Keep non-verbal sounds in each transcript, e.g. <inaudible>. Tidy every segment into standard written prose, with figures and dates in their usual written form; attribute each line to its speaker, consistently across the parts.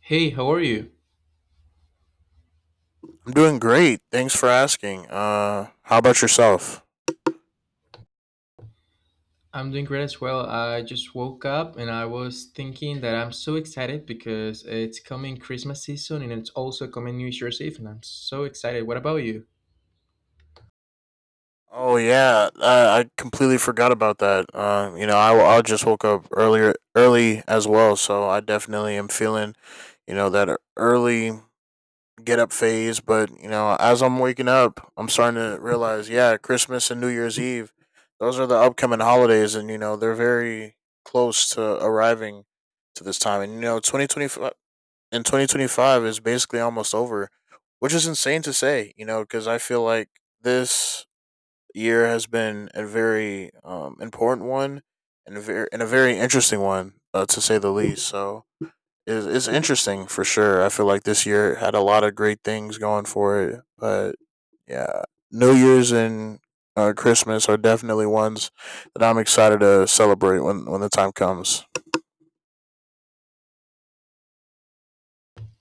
Speaker 1: Hey, how are you?
Speaker 2: I'm doing great. Thanks for asking. How about yourself?
Speaker 1: I'm doing great as well. I just woke up and I was thinking that I'm so excited because it's coming Christmas season and it's also coming New Year's Eve, and I'm so excited. What about you?
Speaker 2: Oh yeah, I completely forgot about that. I just woke up earlier early as well, so I definitely am feeling that early get up phase. But you know, as I'm waking up, I'm starting to realize, yeah, Christmas and New Year's Eve, those are the upcoming holidays, and you know, they're very close to arriving to this time. And you know, and 2025 is basically almost over, which is insane to say, you know, because I feel like this year has been a very important one and a very interesting one to say the least. So it's interesting for sure. I feel like this year had a lot of great things going for it, but yeah, New Year's and Christmas are definitely ones that I'm excited to celebrate when the time comes.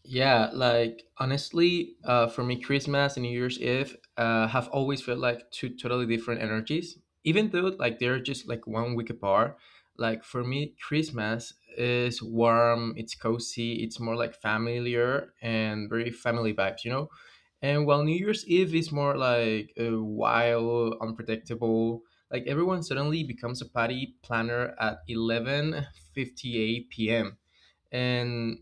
Speaker 1: Yeah, like honestly, for me, Christmas and New Year's Eve have always felt like two totally different energies, even though like they're just like 1 week apart. Like for me, Christmas is warm, it's cozy, it's more like familiar and very family vibes, you know? And while New Year's Eve is more like a wild, unpredictable, like everyone suddenly becomes a party planner at 11:58 p.m. and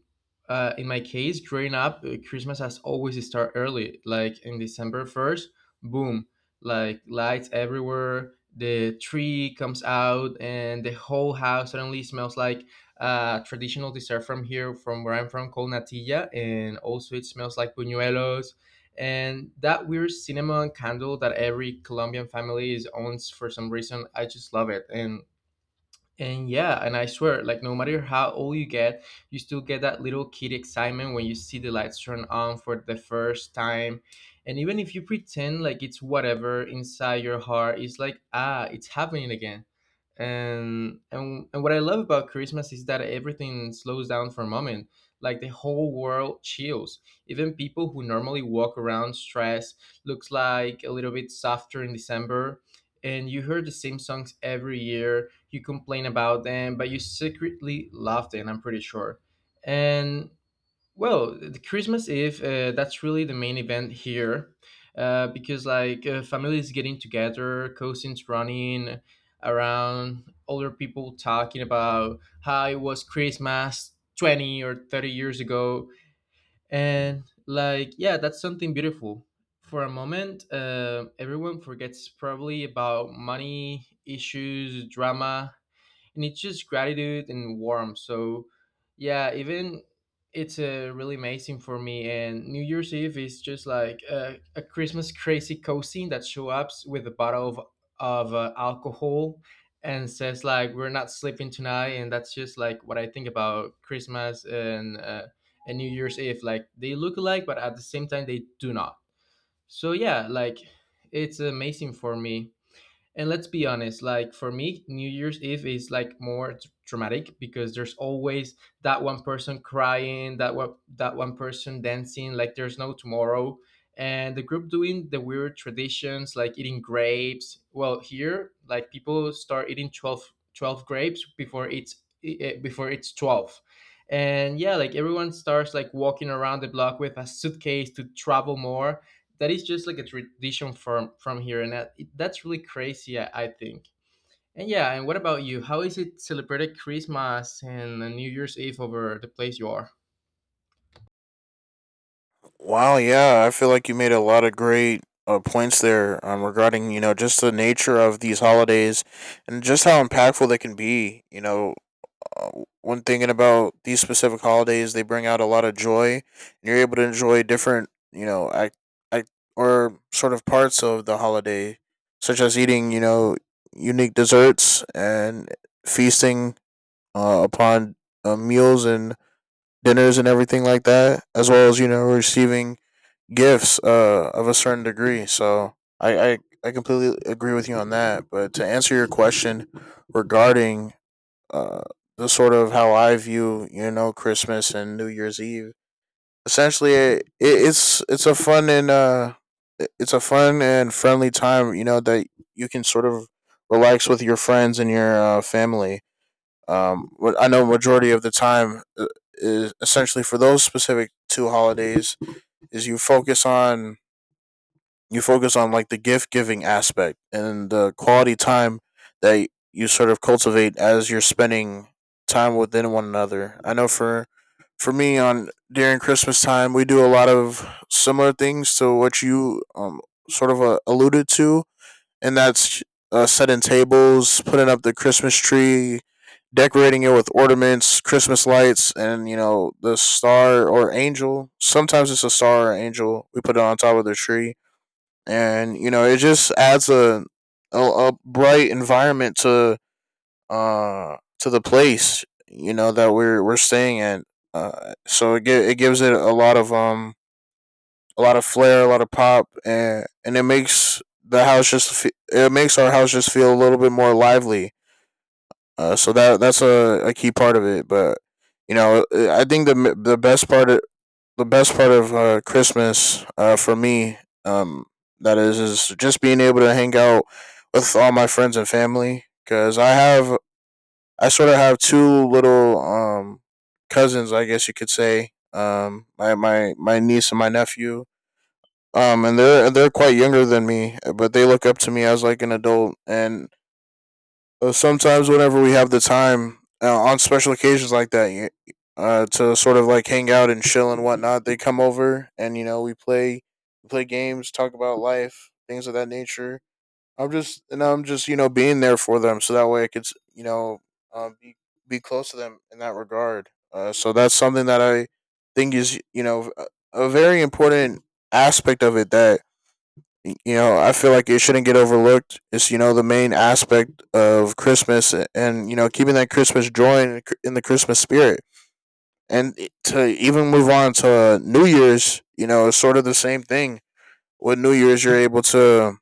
Speaker 1: in my case growing up, Christmas has always start early, like in December 1st. Boom, like lights everywhere, the tree comes out, and the whole house suddenly smells like a traditional dessert from here, from where I'm from, called natilla, and also it smells like buñuelos and that weird cinnamon candle that every Colombian family is owns for some reason. I just love it. And yeah, and I swear, like no matter how old you get, you still get that little kid excitement when you see the lights turn on for the first time. And even if you pretend like it's whatever, inside your heart it's like, ah, it's happening again. And what I love about Christmas is that everything slows down for a moment. Like the whole world chills. Even people who normally walk around stressed looks like a little bit softer in December, and you heard the same songs every year. You complain about them, but you secretly love them, I'm pretty sure. And well, the Christmas Eve, that's really the main event here, because like, families getting together, cousins running around, older people talking about how it was Christmas 20 or 30 years ago. And like, yeah, that's something beautiful. For a moment, everyone forgets probably about money issues, drama, and it's just gratitude and warmth. So yeah, even it's really amazing for me. And New Year's Eve is just like a Christmas crazy cousin that show up with a bottle of alcohol and says like, we're not sleeping tonight. And that's just like what I think about Christmas and New Year's Eve. Like, they look alike, but at the same time they do not. So yeah, like it's amazing for me. And let's be honest, like for me, New Year's Eve is like more traumatic because there's always that one person crying, that one person dancing like there's no tomorrow. And the group doing the weird traditions like eating grapes. Well, here, like people start eating twelve grapes before it's before it's 12. And yeah, like everyone starts like walking around the block with a suitcase to travel more. That is just like a tradition from here, and that's really crazy, I think. And yeah, and what about you? How is it celebrated Christmas and, New Year's Eve over the place you are?
Speaker 2: Wow, yeah, I feel like you made a lot of great points there regarding you know just the nature of these holidays and just how impactful they can be. You know, uh, when thinking about these specific holidays, they bring out a lot of joy, and you're able to enjoy different, you know, act, act or sort of parts of the holiday, such as eating, you know, unique desserts and feasting upon meals and dinners and everything like that, as well as you know receiving gifts of a certain degree. So I completely agree with you on that. But to answer your question regarding uh, the sort of how I view, you know, Christmas and New Year's Eve. Essentially, it's a fun and it's a fun and friendly time, you know, that you can sort of relax with your friends and your family. What I know majority of the time is essentially for those specific two holidays is you focus on like the gift giving aspect and the quality time that you sort of cultivate as you're spending time within one another. I know for me on during Christmas time we do a lot of similar things to what you sort of alluded to, and that's setting tables, putting up the Christmas tree, decorating it with ornaments, Christmas lights, and you know the star or angel. Sometimes it's a star or angel. We put it on top of the tree and you know it just adds a bright environment to the place you know that we're staying at. So it it gives it a lot of flair, a lot of pop, and it makes the house just it makes our house just feel a little bit more lively. So that that's a key part of it. But you know, I think the best part of Christmas for me, um, is just being able to hang out with all my friends and family. I sort of have two little cousins, I guess you could say. My niece and my nephew. And they're quite younger than me, but they look up to me as like an adult, and sometimes, whenever we have the time on special occasions like that, to sort of like hang out and chill and whatnot, they come over and you know we play games, talk about life, things of that nature. I'm just you know being there for them, so that way I could you know um, be be close to them in that regard. So that's something that I think is you know a very important aspect of it that you know I feel like it shouldn't get overlooked. It's you know the main aspect of Christmas and you know keeping that Christmas joy in the in the Christmas spirit and to even move on to New Year's, you know it's sort of the same thing with New Year's. You're able to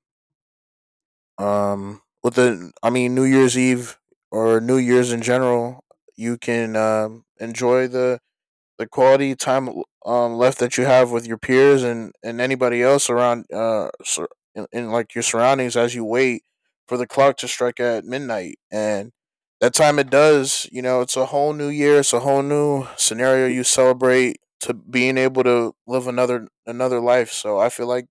Speaker 2: with the I mean New Year's Eve or New Year's in general you can enjoy the quality time left that you have with your peers and anybody else around in like your surroundings as you wait for the clock to strike at midnight and that time it does, you know, it's a whole new year, it's a whole new scenario. You celebrate to being able to live another another life, so I feel like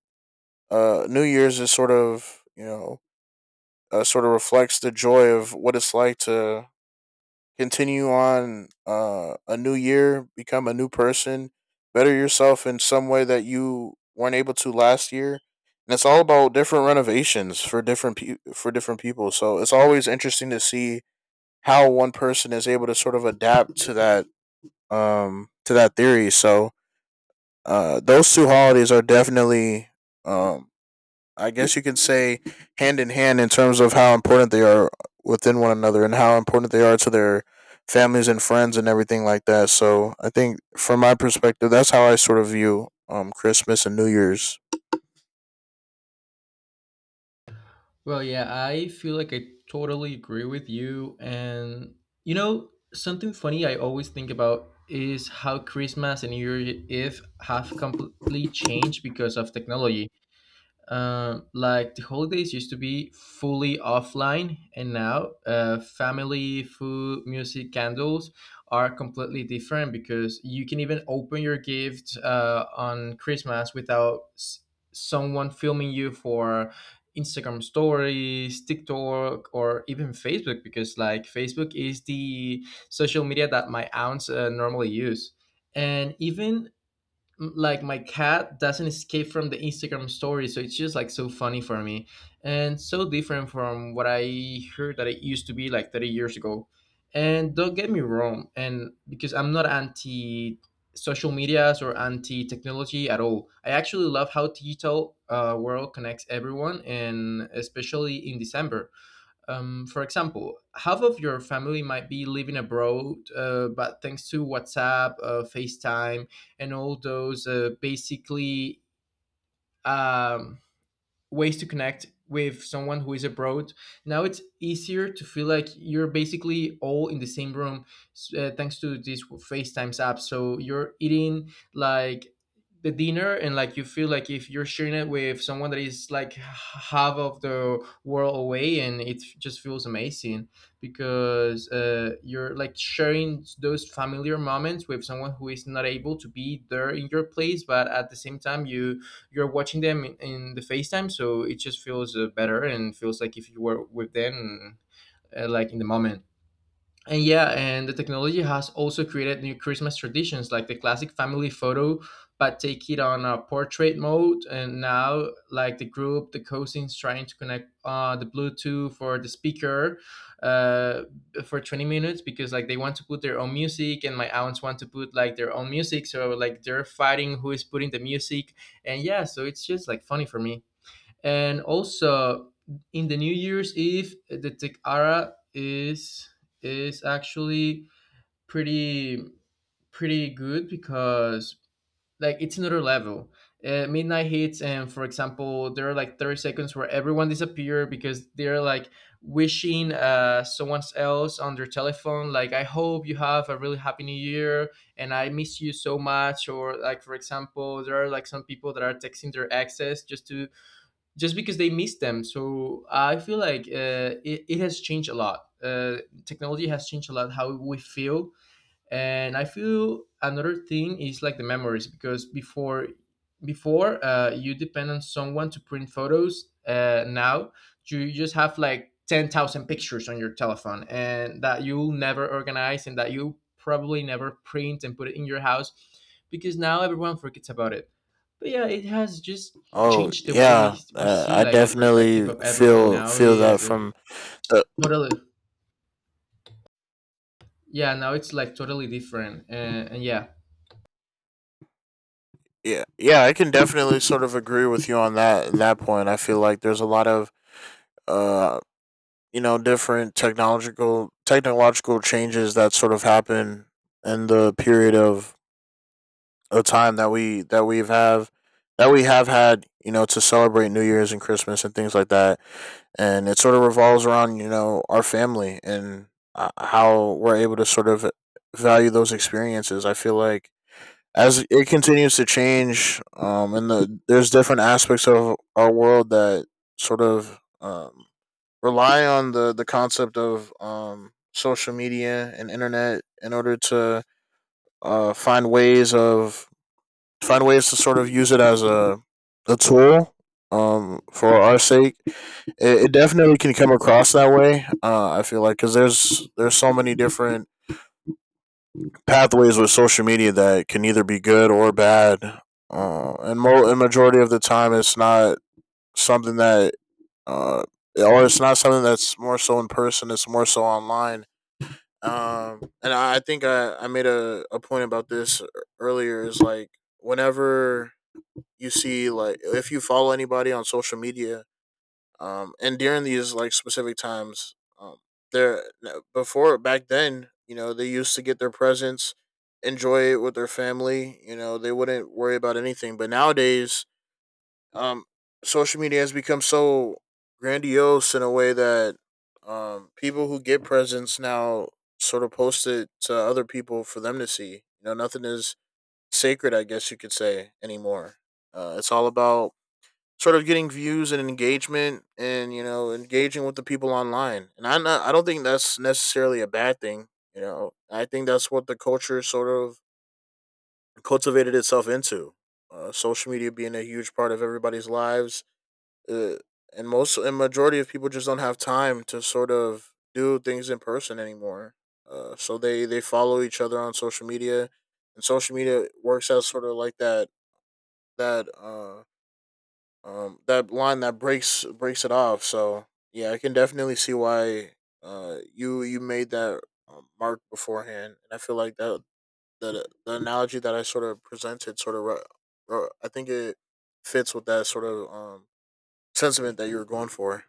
Speaker 2: New Year's is sort of you know sort of reflects the joy of what it's like to continue on a new year, become a new person, better yourself in some way that you weren't able to last year. And it's all about different renovations for different for different people. So it's always interesting to see how one person is able to sort of adapt to that theory. So those two holidays are definitely um, I guess you could say hand in hand in terms of how important they are within one another and how important they are to their families and friends and everything like that. So I think from my perspective, that's how I sort of view Christmas and New Year's.
Speaker 1: Well, yeah, I feel like I totally agree with you. And, you know, something funny I always think about is how Christmas and New Year's Eve have completely changed because of technology. Like, the holidays used to be fully offline, and now, family, food, music, candles are completely different, because you can even open your gift, on Christmas without someone filming you for Instagram stories, TikTok, or even Facebook, because like Facebook is the social media that my aunts normally use. And even like my cat doesn't escape from the Instagram story, so it's just like so funny for me, and so different from what I heard that it used to be like 30 years ago. And don't get me wrong, and because I'm not anti social medias or anti technology at all. I actually love how digital world connects everyone, and especially in December. For example, half of your family might be living abroad, but thanks to WhatsApp, FaceTime, and all those basically um, ways to connect with someone who is abroad. Now it's easier to feel like you're basically all in the same room, thanks to this FaceTimes app. So you're eating like the dinner, and like you feel like if you're sharing it with someone that is like half of the world away, and it just feels amazing, because you're like sharing those familiar moments with someone who is not able to be there in your place, but at the same time you, you're watching them in the FaceTime, so it just feels better and feels like if you were with them, like in the moment. And yeah, and the technology has also created new Christmas traditions like the classic family photo, but take it on a portrait mode. And now, like the group, the cousins trying to connect the Bluetooth or the speaker uh, for 20 minutes, because like they want to put their own music, and my aunts want to put like their own music. So, like, they're fighting who is putting the music. And yeah, so it's just like funny for me. And also in the New Year's Eve, the tequila is actually pretty pretty good, because like it's another level. Midnight hits, and for example, there are like 30 seconds where everyone disappear, because they're like wishing, someone else on their telephone, like, I hope you have a really happy New Year, and I miss you so much. Or like, for example, there are like some people that are texting their exes just to just because they miss them. So I feel like, it, it has changed a lot. Technology has changed a lot how we feel, and I feel another thing is like the memories, because before you depend on someone to print photos. Now you just have like 10,000 pictures on your telephone, and that you'll never organize, and that you probably never print and put it in your house because now everyone forgets about it. But yeah, it has just
Speaker 2: Oh
Speaker 1: changed the way
Speaker 2: yeah,
Speaker 1: we see,
Speaker 2: I
Speaker 1: like the perspective
Speaker 2: definitely
Speaker 1: of everything now
Speaker 2: feel that
Speaker 1: is,
Speaker 2: from the
Speaker 1: totally. Yeah, now it's like totally different, and yeah.
Speaker 2: yeah, yeah, I can definitely sort of agree with you on that point. I feel like there's a lot of uh you know different technological changes that sort of happen in the period of a time that we that we've have that we have had you know to celebrate New Year's and Christmas and things like that and it sort of revolves around you know our family and how we're able to sort of value those experiences. I feel like as it continues to change and there's different aspects of our world that sort of rely on the concept of social media and internet in order to uh find ways of find ways to sort of use it as a tool for our sake. It it, definitely can come across that way I feel like because there's so many different pathways with social media that can either be good or bad and majority of the time it's not something that uh or it's not something that's more so in person, it's more so online. And I think I made a point about this earlier is like whenever you see, like if you follow anybody on social media and during these like specific times there before back then you know they used to get their presents, enjoy it with their family, you know they wouldn't worry about anything, but nowadays um, social media has become so grandiose in a way that people who get presents now sort of post it to other people for them to see. You know, nothing is sacred, I guess you could say, anymore. It's all about sort of getting views and engagement and, you know, engaging with the people online. And I don't think that's necessarily a bad thing. You know, I think that's what the culture sort of cultivated itself into. Social media being a huge part of everybody's lives uh, and most and majority of people just don't have time to sort of do things in person anymore. So they follow each other on social media, and social media works as sort of like that that line that breaks it off. So yeah, I can definitely see why you made that mark beforehand, and I feel like that the analogy that I sort of presented sort of I think it fits with that sort of sentiment that you were going for.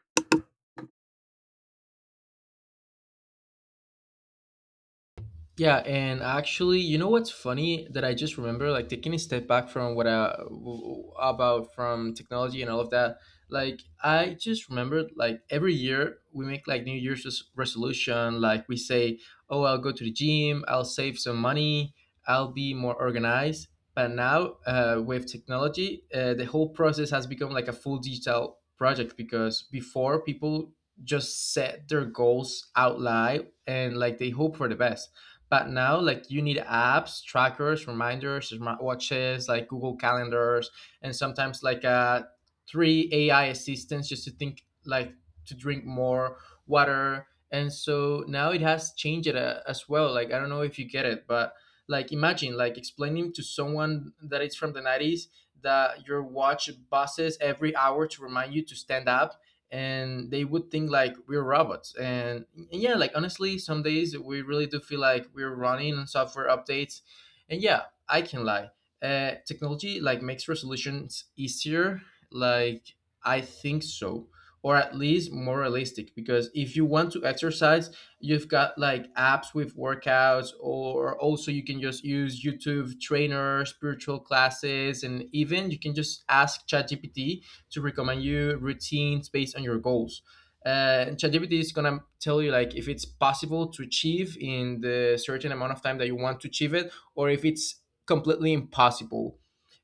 Speaker 1: Yeah, and actually, you know what's funny that I just remember, like taking a step back from what I about from technology and all of that. Like I just remembered, like every year we make like New Year's resolution. Like we say, oh, I'll go to the gym, I'll save some money, I'll be more organized. But now, with technology, the whole process has become like a full digital project, because before people just set their goals out loud and like they hope for the best. But now, like, you need apps, trackers, reminders, smartwatches, like Google calendars, and sometimes like, three AI assistants just to think like to drink more water. And so now it has changed it, as well. Like I don't know if you get it, but like, imagine like explaining to someone that it's from the 90s that your watch buzzes every hour to remind you to stand up, and they would think like we're robots. And yeah, like honestly, some days we really do feel like we're running on software updates. And yeah, I can lie. Technology like makes resolutions easier. Like, I think so, or at least more realistic. Because if you want to exercise, you've got like apps with workouts, or also you can just use YouTube trainer, spiritual classes, and even you can just ask ChatGPT to recommend you routines based on your goals. ChatGPT is gonna tell you like if it's possible to achieve in the certain amount of time that you want to achieve it, or if it's completely impossible.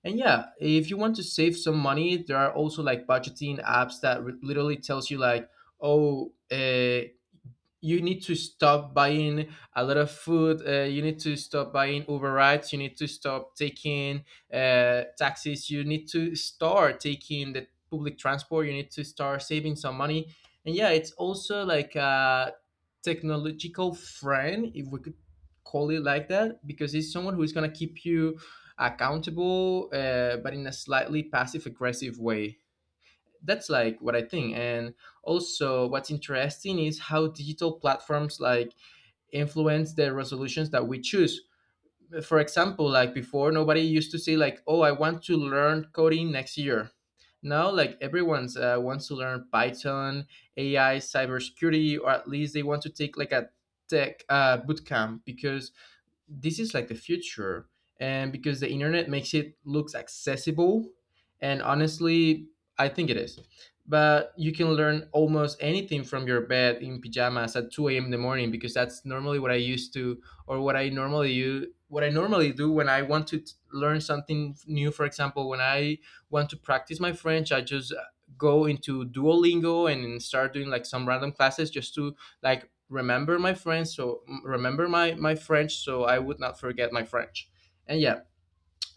Speaker 1: And yeah, if you want to save some money, there are also like budgeting apps that literally tells you like, oh, you need to stop buying a lot of food, you need to stop buying Uber rides, you need to stop taking, taxis, you need to start taking the public transport, you need to start saving some money. And yeah, it's also like a technological friend, if we could call it like that, because it's someone who's going to keep you accountable, but in a slightly passive aggressive way. That's like what I think. And also, what's interesting is how digital platforms like influence the resolutions that we choose. For example, like before, nobody used to say like, "Oh, I want to learn coding next year." Now, like everyone's wants to learn Python, AI, cybersecurity, or at least they want to take like a tech bootcamp because this is like the future, and because the internet makes it looks accessible, and honestly I think it is. But you can learn almost anything from your bed in pajamas at 2 a.m. in the morning, because that's normally what I used to, or what I normally use, what I normally do when I want to learn something new. For example, when I want to practice my French, I just go into Duolingo and start doing like some random classes just to like remember my friends, so remember my French so I would not forget my French. And yeah,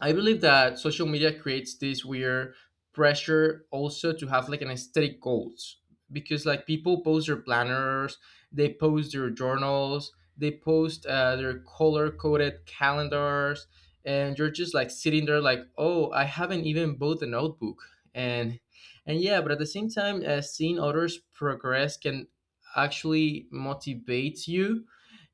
Speaker 1: I believe that social media creates this weird pressure also to have like an aesthetic goals, because like people post their planners, they post their journals, they post their color coded calendars, and you're just like sitting there like, oh, I haven't even bought a notebook, and and yeah, but at the same time, seeing others progress can actually motivates you,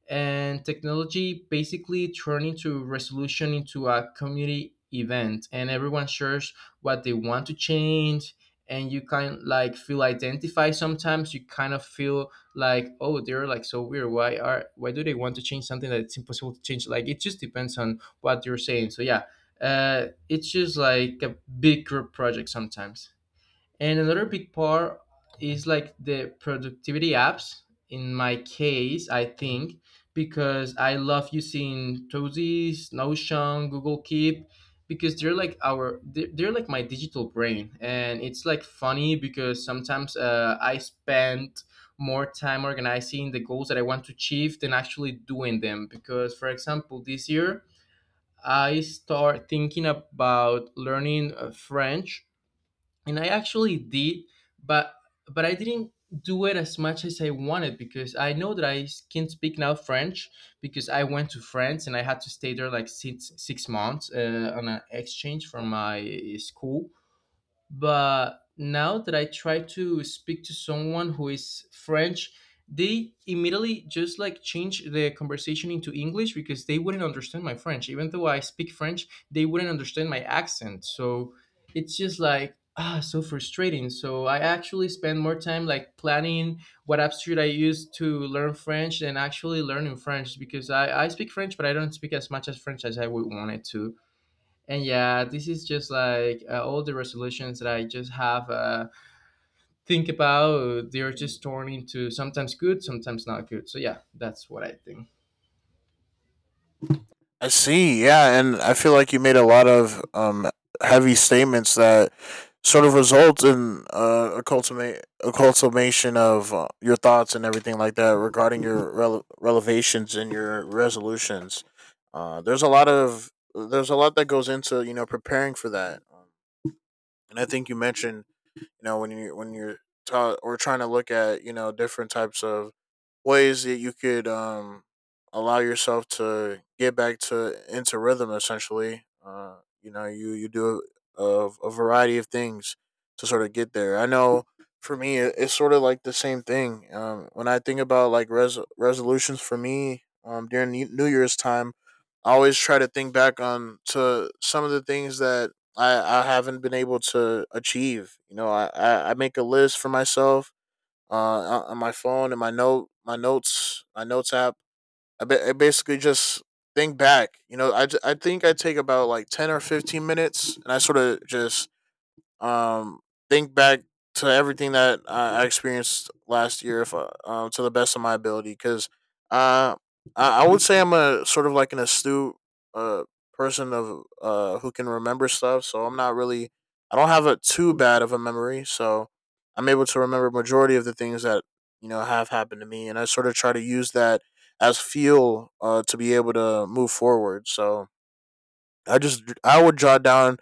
Speaker 1: and technology basically turning to resolution into a community event, and everyone shares what they want to change. And you kind like feel identified, sometimes you kind of feel like, oh, they're like so weird, why do they want to change something that's impossible to change, like it just depends on what you're saying. So yeah, it's just like a big group project sometimes. And another big part is like the productivity apps. In my case, I think, because I love using Tozies, Notion, Google Keep, because they're like my digital brain, and it's like funny because sometimes I spend more time organizing the goals that I want to achieve than actually doing them. Because for example, this year I start thinking about learning French, and I actually did, but I didn't do it as much as I wanted, because I know that can speak now French, because I went to France and I had to stay there like six six months on an exchange from my school. But now that I try to speak to someone who is French, they immediately just like change the conversation into English, because they wouldn't understand my French. Even though I speak French, they wouldn't understand my accent. So it's just like, ah, so frustrating. So I actually spend more time like planning what apps should I use to learn French than actually learning French, because I speak French, but I don't speak as much as French as I would want it to. And yeah, this is just like all the resolutions that I just have think about. They're just torn into sometimes good, sometimes not good. So yeah, that's what I think.
Speaker 2: I see. Yeah, and I feel like you made a lot of heavy statements that sort of result in a cultivation of your thoughts and everything like that regarding your relevations and your resolutions. There's a lot that goes into preparing for that, and I think you mentioned when you're ta- or trying to look at different types of ways that you could allow yourself to get back to into rhythm essentially. You do a variety of things to sort of get there. I know for me, it's sort of like the same thing. When I think about like resolutions for me during New Year's time, I always try to think back on to some of the things that i I haven't been able to achieve. I make a list for myself on my phone and my notes app. I basically just think back. I think I take about like 10 or 15 minutes, and I sort of just um, think back to everything that I experienced last year, if I, to the best of my ability, because uh, I would say I'm a sort of like an astute uh person of who can remember stuff. So I'm not really, I don't have a too bad of a memory. So I'm able to remember majority of the things that have happened to me, and I sort of try to use that as fuel to be able to move forward. So I would jot down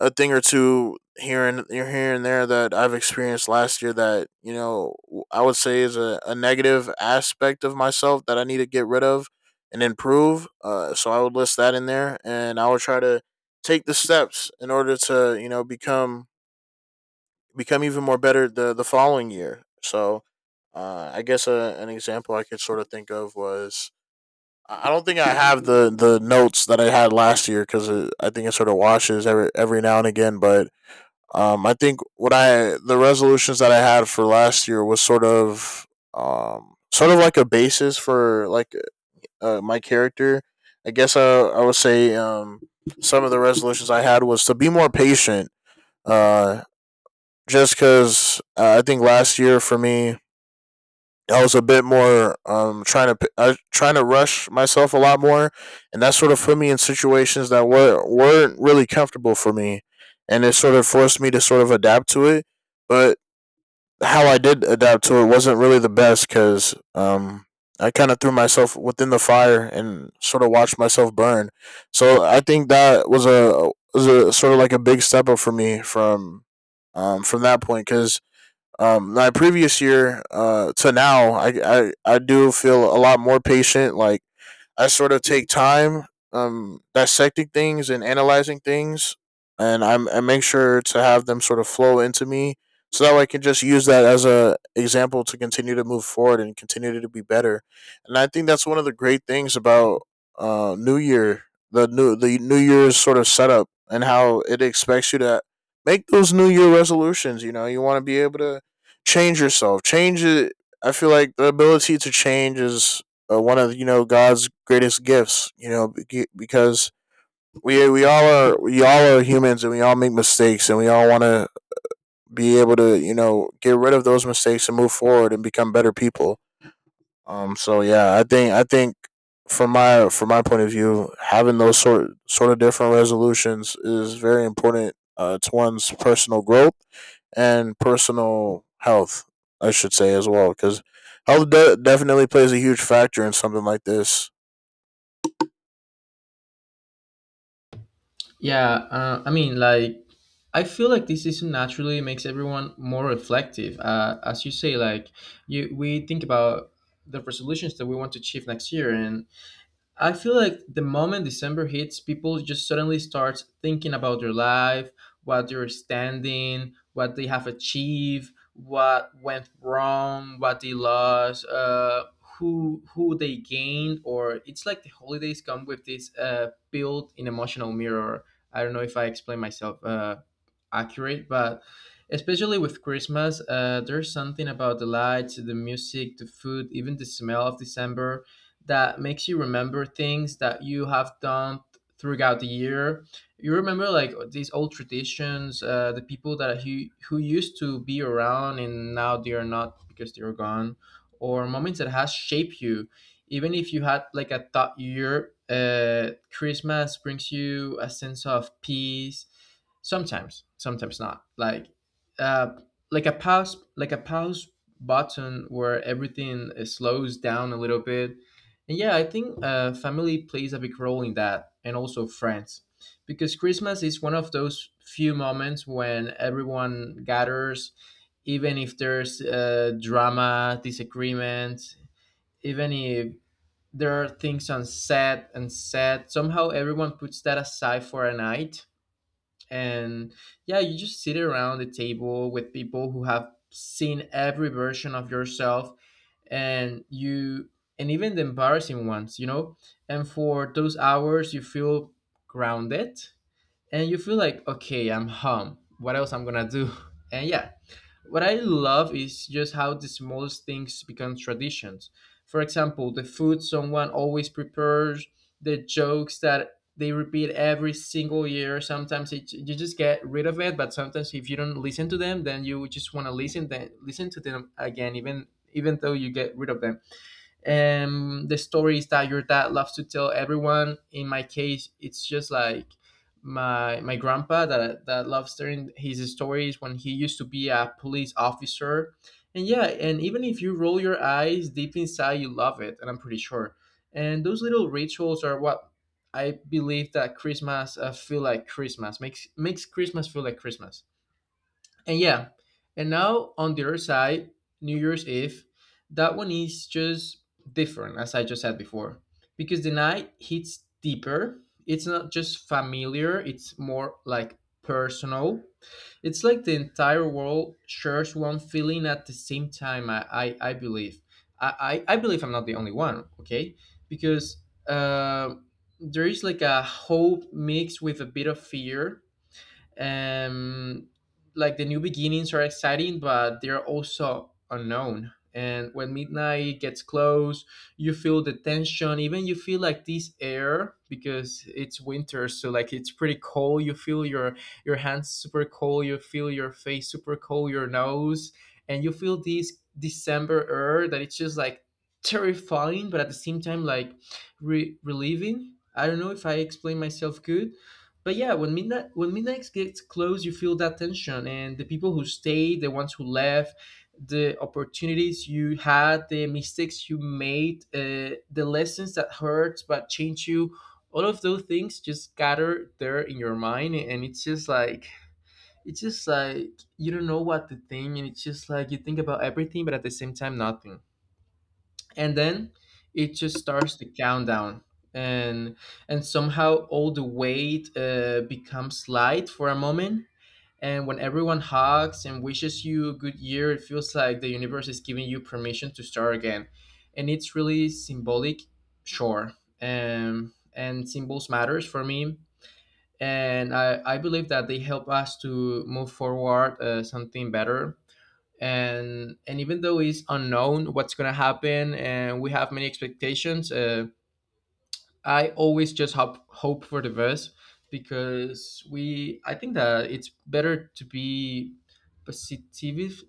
Speaker 2: a thing or two here and here and there that I've experienced last year that I would say is a negative aspect of myself that I need to get rid of and improve. So I would list that in there, and I would try to take the steps in order to become even more better the following year. So I guess an example I could sort of think of was I don't think I have the notes that I had last year because I think it sort of washes every now and again. But I think what I the resolutions that I had for last year was sort of like a basis for like my character. I guess I would say some of the resolutions I had was to be more patient. Uh, just because I think last year for me I was a bit more trying to rush myself a lot more, and that sort of put me in situations that weren't really comfortable for me, and it sort of forced me to sort of adapt to it. But how I did adapt to it wasn't really the best, because I kind of threw myself within the fire and sort of watched myself burn. So I think that was a sort of like a big step up for me from that point, because my previous year, to now, I do feel a lot more patient. Like I sort of take time dissecting things and analyzing things, I make sure to have them sort of flow into me, so that way I can just use that as a example to continue to move forward and continue to be better. And I think that's one of the great things about New Year, the New Year's sort of setup and how it expects you to make those New Year resolutions. You know, you want to be able to change yourself, change it. I feel like the ability to change is one of God's greatest gifts. You know, because we all are humans, and we all make mistakes, and we all want to be able to get rid of those mistakes and move forward and become better people. So yeah, I think from my point of view, having those sort of different resolutions is very important, to one's personal growth and personal health, I should say as well, because definitely plays a huge factor in something like this.
Speaker 1: Yeah, I mean, like, I feel like this season naturally makes everyone more reflective, as you say. Like you we think about the resolutions that we want to achieve next year. And I feel like the moment December hits, people just suddenly start thinking about their life, what they're standing, what they have achieved, what went wrong, what they lost, who they gained. Or it's like the holidays come with this built-in emotional mirror. I don't know if I explain myself accurate, but especially with Christmas, there's something about the lights, the music, the food, even the smell of December that makes you remember things that you have done throughout the year. You remember like these old traditions, the people that who used to be around and now they are not, because they are gone, or moments that has shaped you. Even if you had like a tough year, Christmas brings you a sense of peace. Sometimes, sometimes not. Uh, like a pause button where everything slows down a little bit. And yeah, I think family plays a big role in that, and also friends, because Christmas is one of those few moments when everyone gathers, even if there's drama, disagreement, even if there are things unsaid and said. Somehow everyone puts that aside for a night, and yeah, you just sit around the table with people who have seen every version of yourself, and you, and even the embarrassing ones, you know. And for those hours you feel grounded, and you feel like, okay, I'm home, what else I'm gonna do? <laughs> And yeah, what I love is just how the smallest things become traditions. For example, the food someone always prepares, the jokes that they repeat every single year. Sometimes it, you just get rid of it, but sometimes if you don't listen to them, then you just want to listen, then listen to them again, even even though you get rid of them. The stories that your dad loves to tell everyone. In my case, it's just like my grandpa that loves telling his stories when he used to be a police officer. And yeah, and even if you roll your eyes deep inside, you love it, and I'm pretty sure. And those little rituals are what I believe that Christmas, feel like Christmas, makes Christmas feel like Christmas. And yeah, and now on the other side, New Year's Eve, that one is just different, as I just said before, because the night hits deeper. It's not just familiar, it's more like personal. It's like the entire world shares one feeling at the same time, I believe. I believe I'm not the only one, okay? Because uh, there is like a hope mixed with a bit of fear, um, like the new beginnings are exciting, but they're also unknown. And when midnight gets close, you feel the tension. Even you feel like this air, because it's winter, so like it's pretty cold. You feel your hands super cold. You feel your face super cold. Your nose, and you feel this December air that it's just like terrifying, but at the same time like relieving. I don't know if I explain myself good, but yeah, when midnight gets close, you feel that tension, and the people who stayed, the ones who left, the opportunities you had, the mistakes you made, the lessons that hurt but change you, all of those things just gather there in your mind, and it's just like you don't know what to think, and it's just like you think about everything, but at the same time, nothing. And then it just starts the countdown. And somehow all the weight becomes light for a moment. And when everyone hugs and wishes you a good year, it feels like the universe is giving you permission to start again. And it's really symbolic. Sure. And symbols matters for me, and I believe that they help us to move forward something better. And even though it's unknown what's going to happen, and we have many expectations, I always just hope for the best, because we I think that it's better to be positive.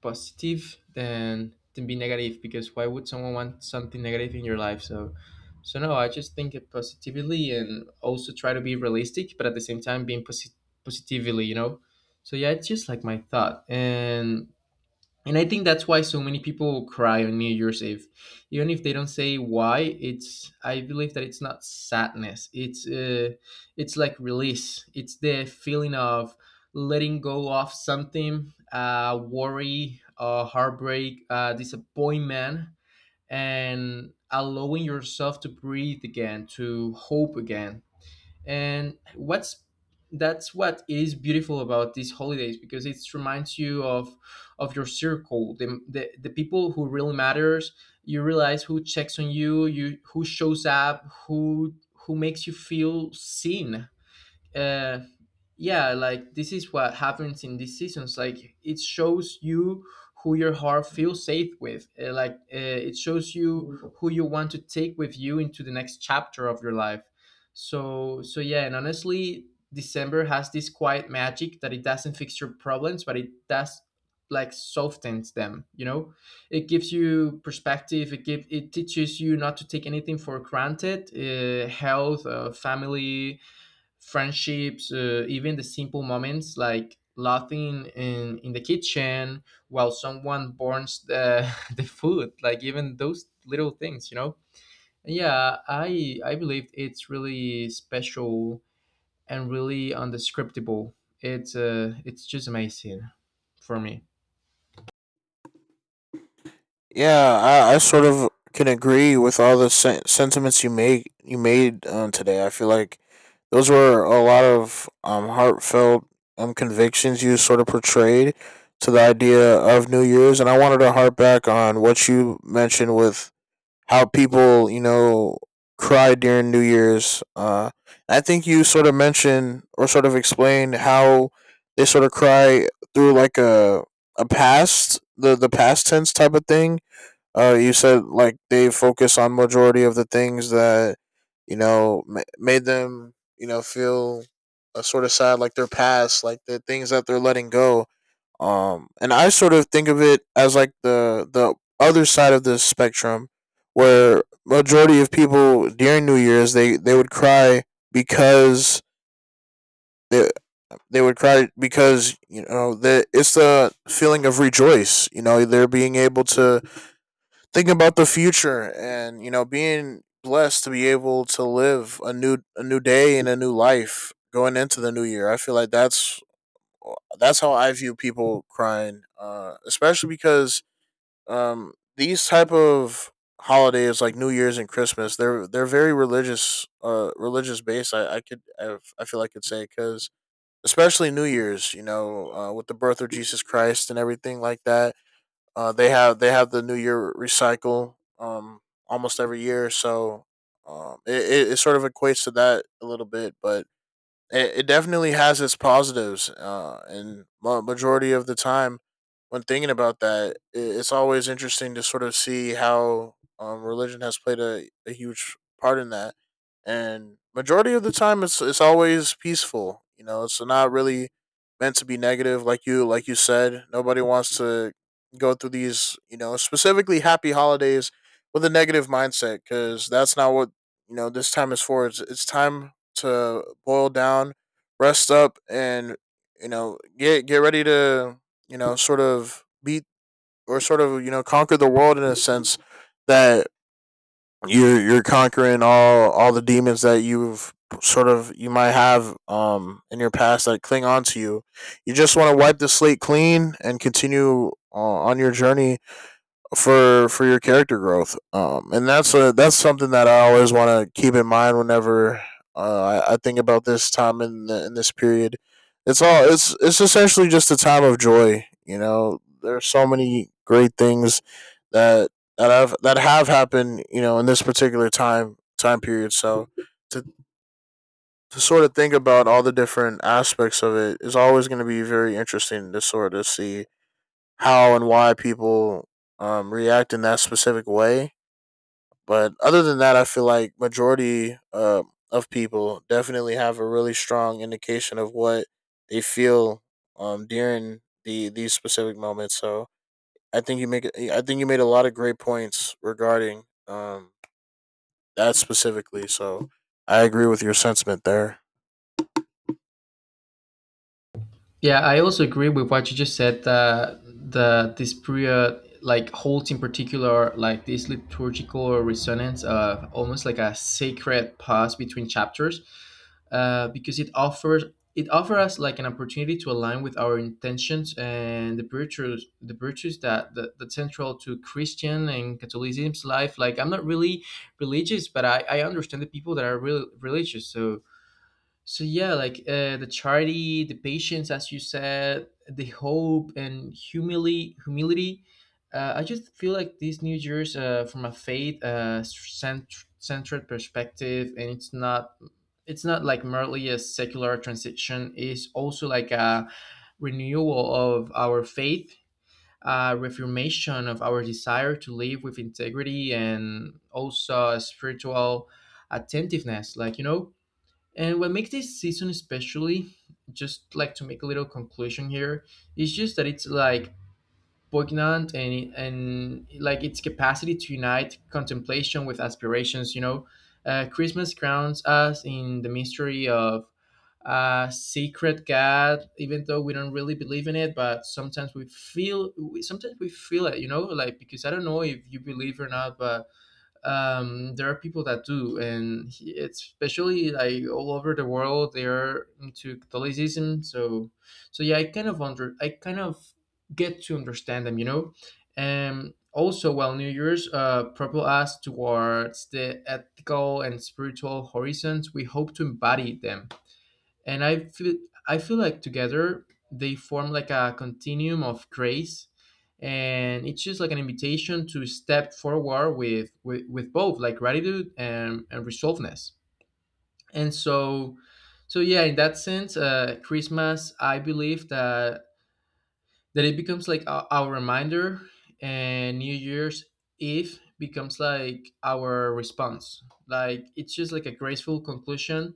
Speaker 1: Positive than be negative, because why would someone want something negative in your life? So no, I just think it positively, and also try to be realistic, but at the same time being positively, you know. So yeah, it's just like my thought. And I think that's why so many people cry on New Year's Eve, even if they don't say why. It's, I believe that it's not sadness, it's like release. It's the feeling of letting go of something, worry, heartbreak, disappointment, and allowing yourself to breathe again, to hope again. And what's that's what is beautiful about these holidays, because it reminds you of your circle, the people who really matters. You realize who checks on you, who shows up, who makes you feel seen. uh yeah, like this is what happens in these seasons. Like, it shows you who your heart feels safe with. Like, it shows you who you want to take with you into the next chapter of your life. So yeah. And honestly, December has this quiet magic, that it doesn't fix your problems, but it does like softens them, you know. It gives you perspective, it teaches you not to take anything for granted, health, family, friendships, even the simple moments, like laughing in the kitchen while someone burns <laughs> the food, like even those little things, you know? Yeah, I believe it's really special and really undescriptible. It's just amazing for me.
Speaker 2: Yeah, I sort of can agree with all the sentiments you made today. I feel like those were a lot of heartfelt convictions you sort of portrayed to the idea of New Year's, and I wanted to harp back on what you mentioned with how people cry during New Year's. I think you sort of mentioned or sort of explained how they sort of cry through like a past the past tense type of thing. You said like they focus on majority of the things that made them feel sort of sad, like their past, like the things that they're letting go. And I sort of think of it as like the other side of the spectrum, where majority of people during New Year's, because they they would cry because that it's the feeling of rejoice. You know, they're being able to thinking about the future and being blessed to be able to live a new day and a new life going into the new year. I feel like that's how I view people crying, especially because these type of holidays like New Year's and Christmas, they're very religious, religious based. I feel I could say, because especially New Year's, you know, with the birth of Jesus Christ and everything like that, they have the New Year recycle almost every year. So it sort of equates to that a little bit. But it definitely has its positives. And majority of the time, when thinking about that, I it's always interesting to sort of see how religion has played a huge part in that. And majority of the time, it's always peaceful. You know, it's not really meant to be negative, like you said. Nobody wants to go through these, you know, specifically happy holidays with a negative mindset, because that's not what this time is for. It's time to boil down, rest up, and get ready to sort of beat, or sort of conquer the world, in a sense, that you're conquering all the demons that you've sort of you might have in your past that cling on to you. You just want to wipe the slate clean and continue on your journey for your character growth. And that's a that's something that I always want to keep in mind whenever I think about this time in in this period. It's all it's essentially just a time of joy. You know, there's so many great things that that have happened. You know, in this particular time period. So to to sort of think about all the different aspects of it is always going to be very interesting to sort of see how and why people react in that specific way. But other than that, I feel like majority of people definitely have a really strong indication of what they feel during these specific moments. So I think you made a lot of great points regarding that specifically. So I agree with your sentiment there.
Speaker 1: Yeah, I also agree with what you just said. That the this period like holds in particular, like this liturgical resonance, almost like a sacred pause between chapters, because it offers us like an opportunity to align with our intentions and the virtues that central to Christian and Catholicism's life. Like I'm not really religious, but I understand the people that are really religious. So yeah, like the charity, the patience, as you said, the hope and humility. Humility. I just feel like these New Year's, from a faith centered perspective, and it's not like merely a secular transition. It's also like a renewal of our faith, a reformation of our desire to live with integrity, and also a spiritual attentiveness. Like you know, and what makes this season especially, just like to make a little conclusion here, is just that it's like poignant and like its capacity to unite contemplation with aspirations. You know, Christmas grounds us in the mystery of a secret God, even though we don't really believe in it. But sometimes we feel, sometimes we feel it. You know, like, because I don't know if you believe or not, but there are people that do, and it's especially like all over the world they are into Catholicism. So, so yeah, I kind of get to understand them, you know. And also, while New Year's propel us towards the ethical and spiritual horizons, we hope to embody them. And I feel like together they form like a continuum of grace, and it's just like an invitation to step forward with with both like gratitude and resolveness. And so, so yeah, in that sense, Christmas, I believe that it becomes like our reminder, and New Year's Eve becomes like our response. Like, it's just like a graceful conclusion,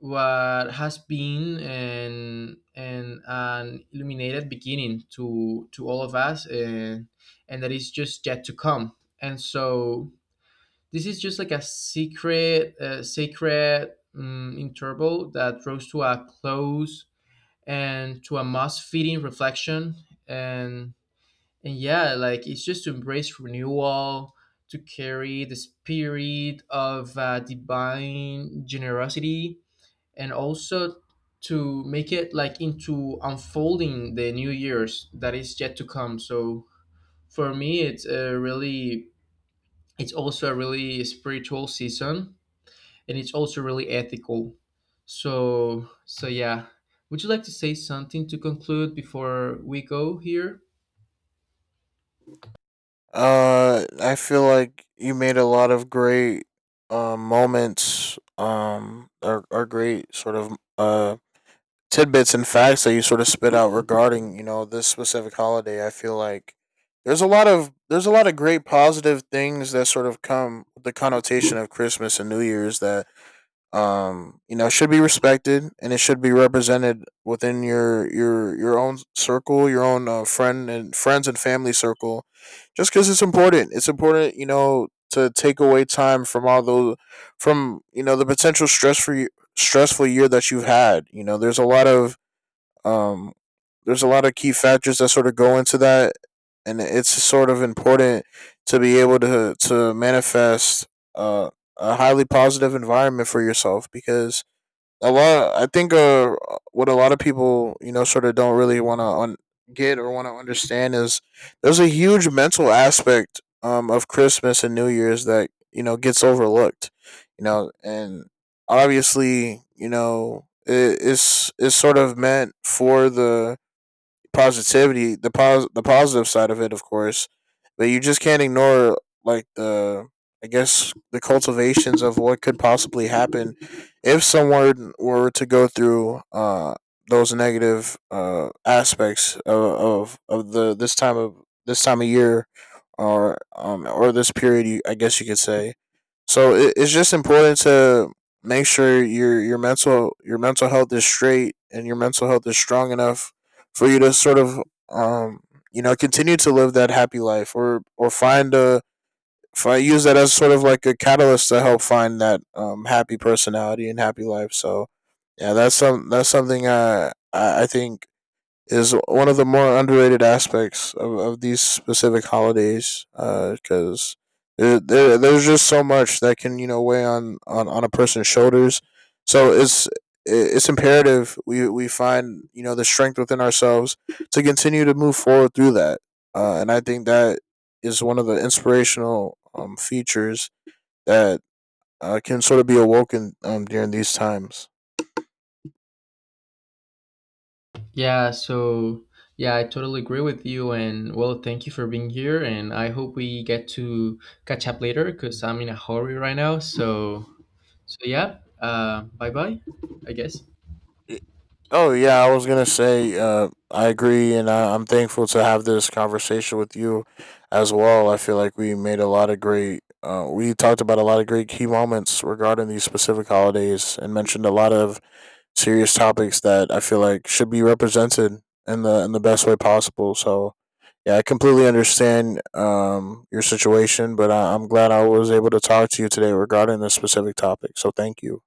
Speaker 1: what has been an illuminated beginning to all of us, and that is just yet to come. And so, this is just like a secret, sacred interval that rose to a close and to a must fitting reflection. And, and yeah, like it's just to embrace renewal, to carry the spirit of divine generosity, and also to make it like into unfolding the new years that is yet to come. So for me, it's a really, it's also a really spiritual season, and it's also really ethical. So so yeah, would you like to say something to conclude before we go here?
Speaker 2: I feel like you made a lot of great moments. Or great sort of tidbits and facts that you sort of spit out regarding this specific holiday. I feel like there's a lot of great positive things that sort of come with the connotation of Christmas and New Year's, that it should be respected and it should be represented within your own circle, your own friends and family circle, just because it's important to take away time from all those, from the potential stress for you stressful year that you've had. There's a lot of um, there's a lot of key factors that sort of go into that, and it's sort of important to be able to manifest uh, a highly positive environment for yourself, because a lot I think what a lot of people sort of don't really want to get or want to understand is there's a huge mental aspect of Christmas and New Year's that gets overlooked. You know and Obviously, it is sort of meant for the positivity, the positive side of it, of course, but you just can't ignore, like, the, I guess, the cultivations of what could possibly happen if someone were to go through those negative aspects of the this time of year, or this period, I guess you could say. So it's just important to make sure your mental health is straight and your mental health is strong enough for you to sort of um continue to live that happy life, or find use that as sort of like a catalyst to help find that happy personality and happy life. So yeah, that's something I think is one of the more underrated aspects of these specific holidays, because there's just so much that can weigh on a person's shoulders, so it's imperative we find the strength within ourselves to continue to move forward through that, and I think that is one of the inspirational features that can sort of be awoken during these times.
Speaker 1: Yeah, so yeah, I totally agree with you. And well, thank you for being here, and I hope we get to catch up later, because I'm in a hurry right now. So so yeah, bye bye, I guess.
Speaker 2: Oh yeah, I was gonna say, I agree, and I'm thankful to have this conversation with you as well. I feel like we made a lot of great. We talked about a lot of great key moments regarding these specific holidays, and mentioned a lot of serious topics that I feel like should be represented in the best way possible. So yeah, I completely understand your situation, but I'm glad I was able to talk to you today regarding this specific topic. So thank you.